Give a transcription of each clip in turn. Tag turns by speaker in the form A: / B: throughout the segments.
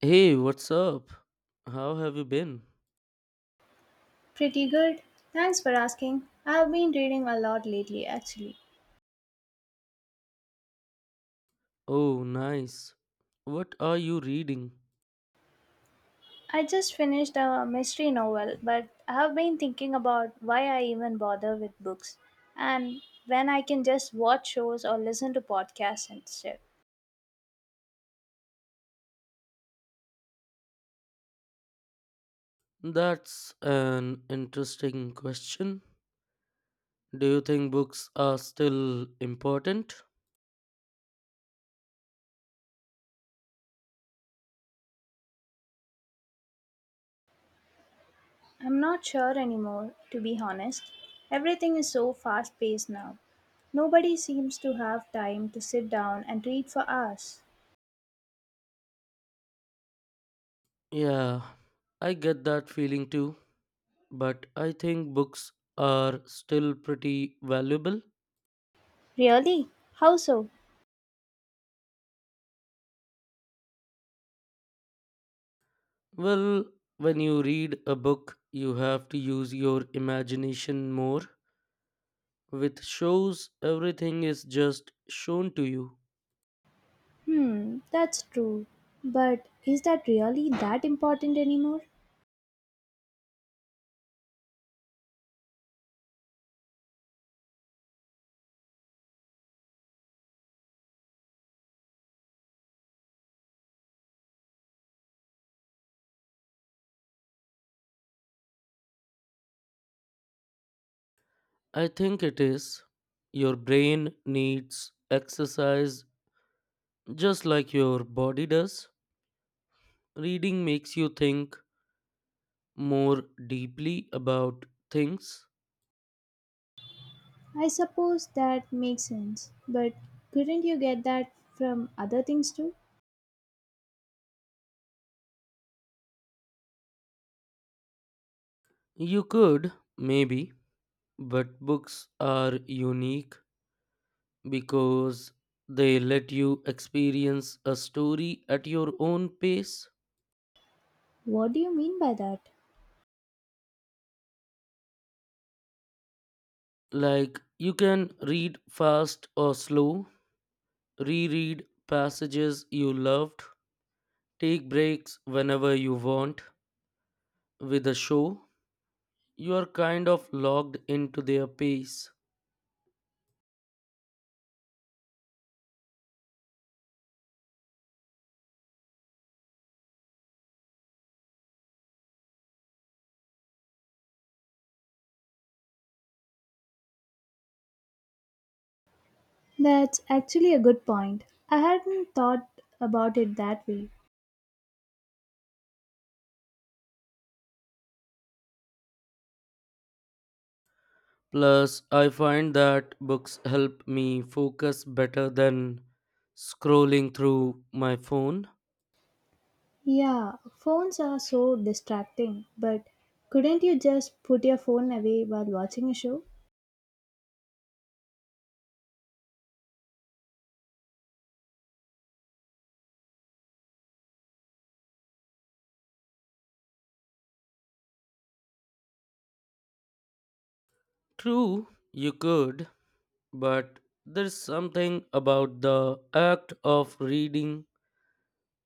A: Hey, what's up? How have you been?
B: Pretty good. Thanks for asking. I've been reading a lot lately, actually.
A: Oh, nice. What are you reading?
B: I just finished a mystery novel, but I've been thinking about why I even bother with books and when I can just watch shows or listen to podcasts instead.
A: That's an interesting question. Do you think books are still important?
B: I'm not sure anymore, to be honest. Everything is so fast paced now. Nobody seems to have time to sit down and read for hours.
A: Yeah, I get that feeling too, but I think books are still pretty valuable.
B: Really? How so?
A: Well, when you read a book, you have to use your imagination more. With shows, everything is just shown to you.
B: Hmm, that's true. But is that really that important anymore?
A: I think it is. Your brain needs exercise just like your body does. Reading makes you think more deeply about things.
B: I suppose that makes sense. But couldn't you get that from other things too?
A: You could, maybe, but books are unique because they let you experience a story at your own pace.
B: What do you mean by that?
A: Like, you can read fast or slow, reread passages you loved, take breaks whenever you want. With a show, you are kind of logged into their pace.
B: That's actually a good point. I hadn't thought about it that way.
A: Plus, I find that books help me focus better than scrolling through my phone.
B: Yeah, phones are so distracting, but couldn't you just put your phone away while watching a show?
A: True, you could, but there's something about the act of reading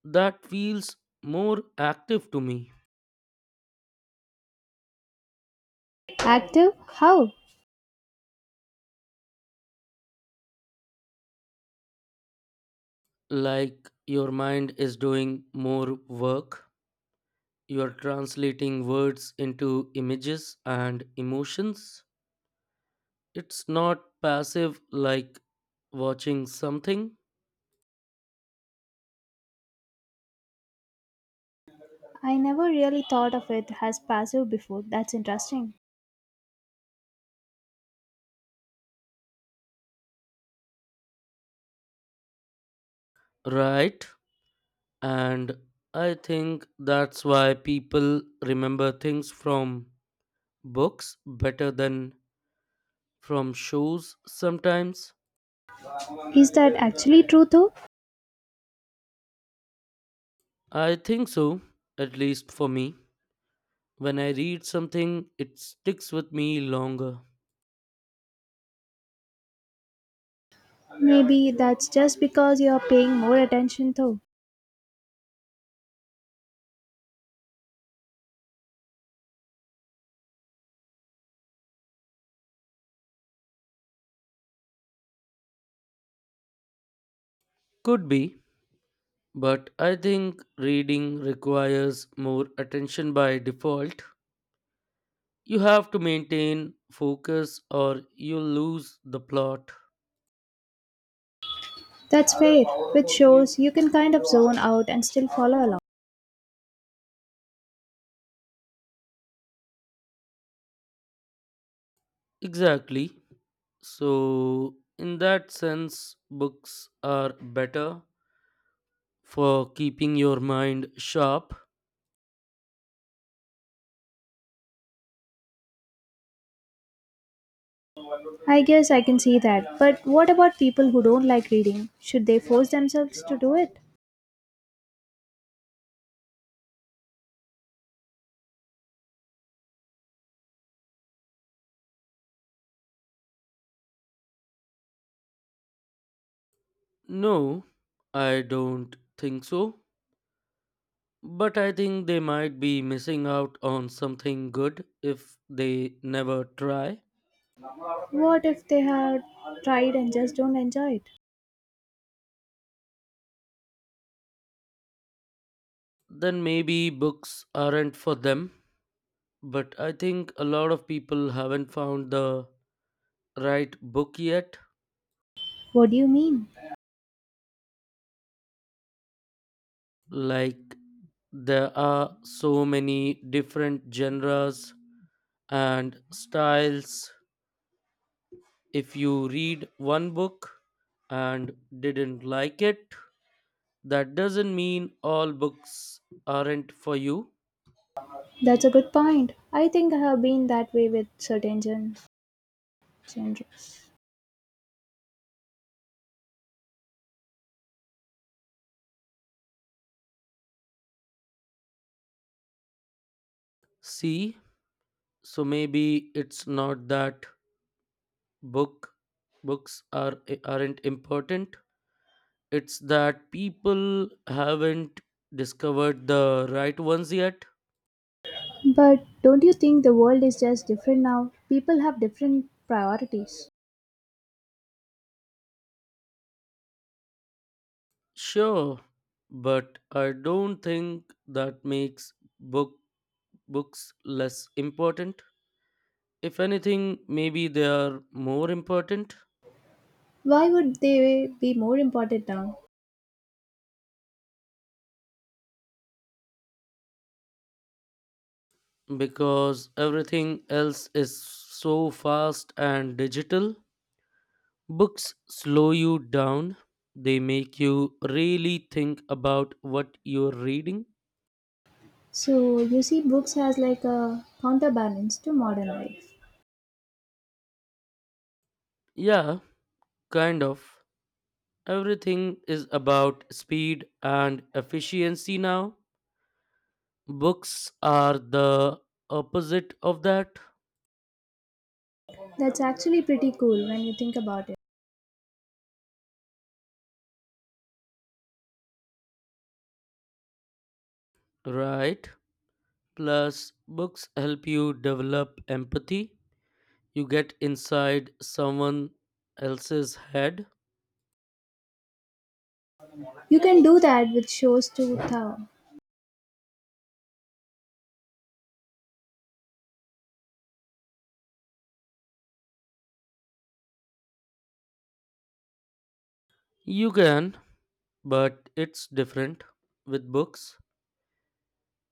A: that feels more active to me.
B: Active? How?
A: Like your mind is doing more work, you are translating words into images and emotions. It's not passive like watching something,
B: I never really thought of it as passive before. That's interesting.
A: right? And I think that's why people remember things from books better than from shows sometimes.
B: Is that actually true though?
A: I think so, at least for me. When I read something, it sticks with me longer.
B: Maybe that's just because you're paying more attention though.
A: Could be, but I think reading requires more attention by default. You have to maintain focus or you lose the plot.
B: That's fair, which shows you can kind of zone out and still follow along.
A: Exactly. So, in that sense, books are better for keeping your mind sharp.
B: I guess I can see that. But what about people who don't like reading? Should they force themselves to do it?
A: No, I don't think so. But I think they might be missing out on something good if they never try.
B: What if they have tried and just don't enjoy it?
A: Then maybe books aren't for them. But I think a lot of people haven't found the right book yet.
B: What do you mean?
A: Like, there are so many different genres and styles. If you read one book and didn't like it, that doesn't mean all books aren't for you.
B: That's a good point. I think I have been that way with certain genres.
A: See, so maybe it's not that book books are aren't important, it's that people haven't discovered the right ones yet.
B: But don't you think the world is just different now? People have different priorities.
A: Sure, but I don't think that makes book books less important. If anything, maybe they are more important
B: Why would they be more important now?
A: because everything else is so fast and digital. Books slow you down. They make you really think about what you're reading.
B: So you see books as like a counterbalance to modern life.
A: Yeah, kind of. Everything is about speed and efficiency now. Books are the opposite of that,
B: That's actually pretty cool when you think about it.
A: right? Plus, books help you develop empathy. You get inside someone else's head.
B: You can do that with shows too, though.
A: You can, but it's different. With books,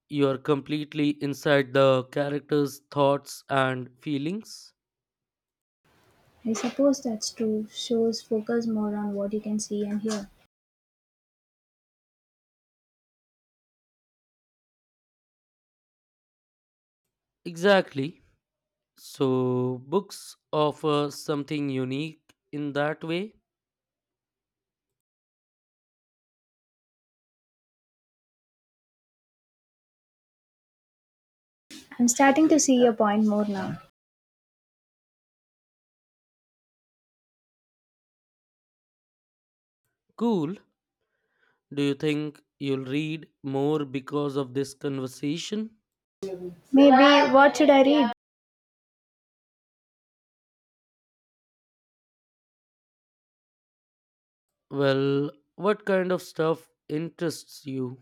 A: you are completely inside the character's thoughts and feelings.
B: I suppose that's true. Shows focus more on what you can see and hear.
A: Exactly. So, books offer something unique in that way.
B: I'm starting to see your point more now.
A: Cool. Do you think you'll read more because of this conversation?
B: Maybe, what should I read?
A: Well, what kind of stuff interests you?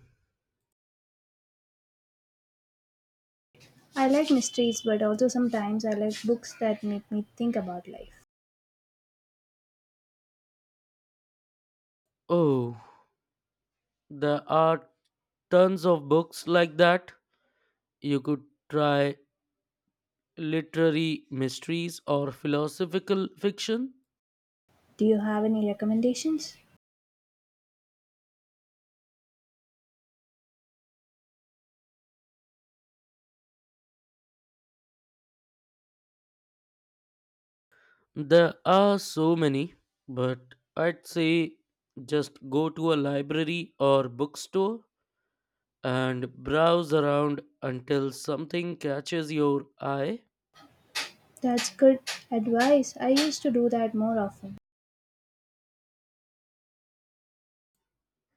B: I like mysteries, but also sometimes I like books that make me think about life.
A: Oh, there are tons of books like that. You could try literary mysteries or philosophical fiction.
B: Do you have any recommendations?
A: There are so many, but I'd say just go to a library or bookstore and browse around until something catches your eye.
B: That's good advice. I used to do that more often.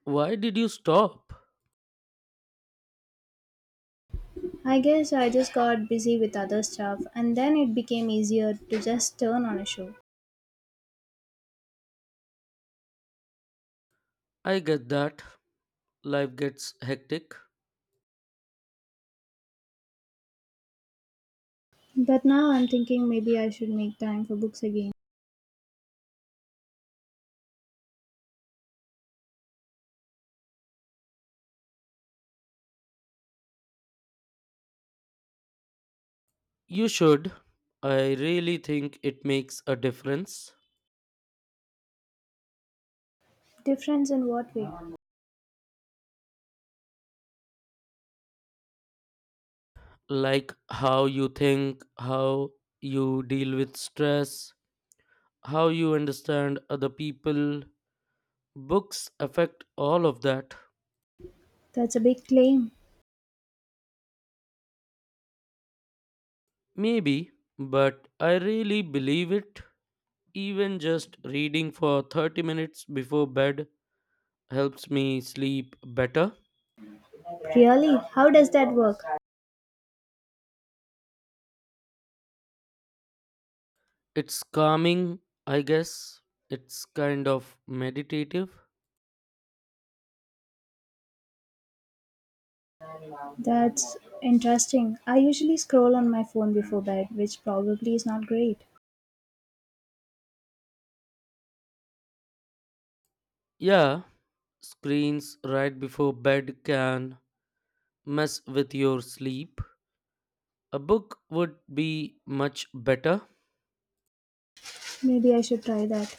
A: Why did you stop?
B: I guess I just got busy with other stuff and then it became easier to just turn on a show.
A: I get that. Life gets hectic.
B: But now I'm thinking maybe I should make time for books again.
A: You should. I really think it makes a difference.
B: Difference in what way?
A: Like how you think, how you deal with stress, how you understand other people. Books affect all of that.
B: That's a big claim.
A: Maybe, but I really believe it. Even just reading for 30 minutes before bed helps me sleep better.
B: Really? How does that work?
A: It's calming, I guess. It's kind of meditative.
B: That's interesting. I usually scroll on my phone before bed, which probably is not great.
A: Yeah, screens right before bed can mess with your sleep. A book would be much better.
B: Maybe I should try that.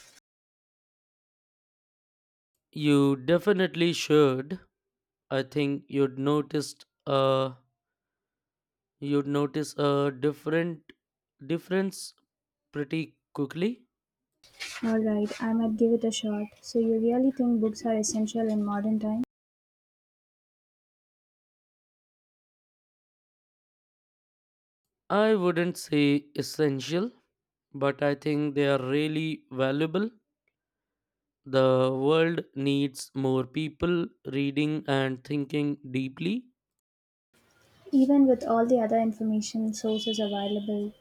A: You definitely should. I think you'd notice a different difference pretty quickly.
B: Alright, I might give it a shot. So, you really think books are essential in modern times?
A: I wouldn't say essential, but I think they are really valuable. The world needs more people reading and thinking deeply,
B: Even with all the other information sources available?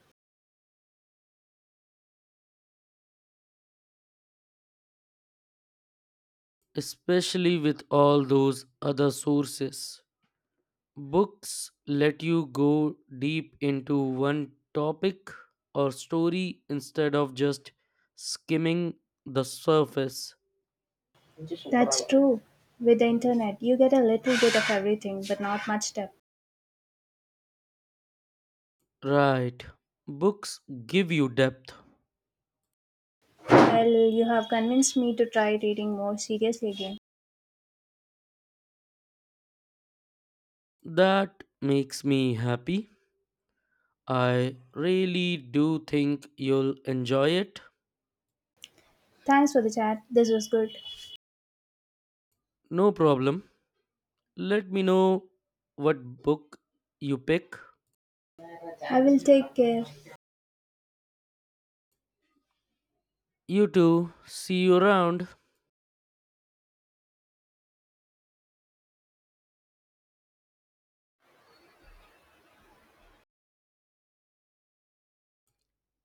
A: especially with all those other sources. Books let you go deep into one topic or story instead of just skimming the surface.
B: That's true. With the internet, you get a little bit of everything, but not much depth.
A: Right. Books give you depth.
B: Well, you have convinced me to try reading more seriously again.
A: That makes me happy. I really do think you'll enjoy it.
B: Thanks for the chat. This was good.
A: No problem. Let me know what book you pick.
B: I will take care.
A: You too. See you around.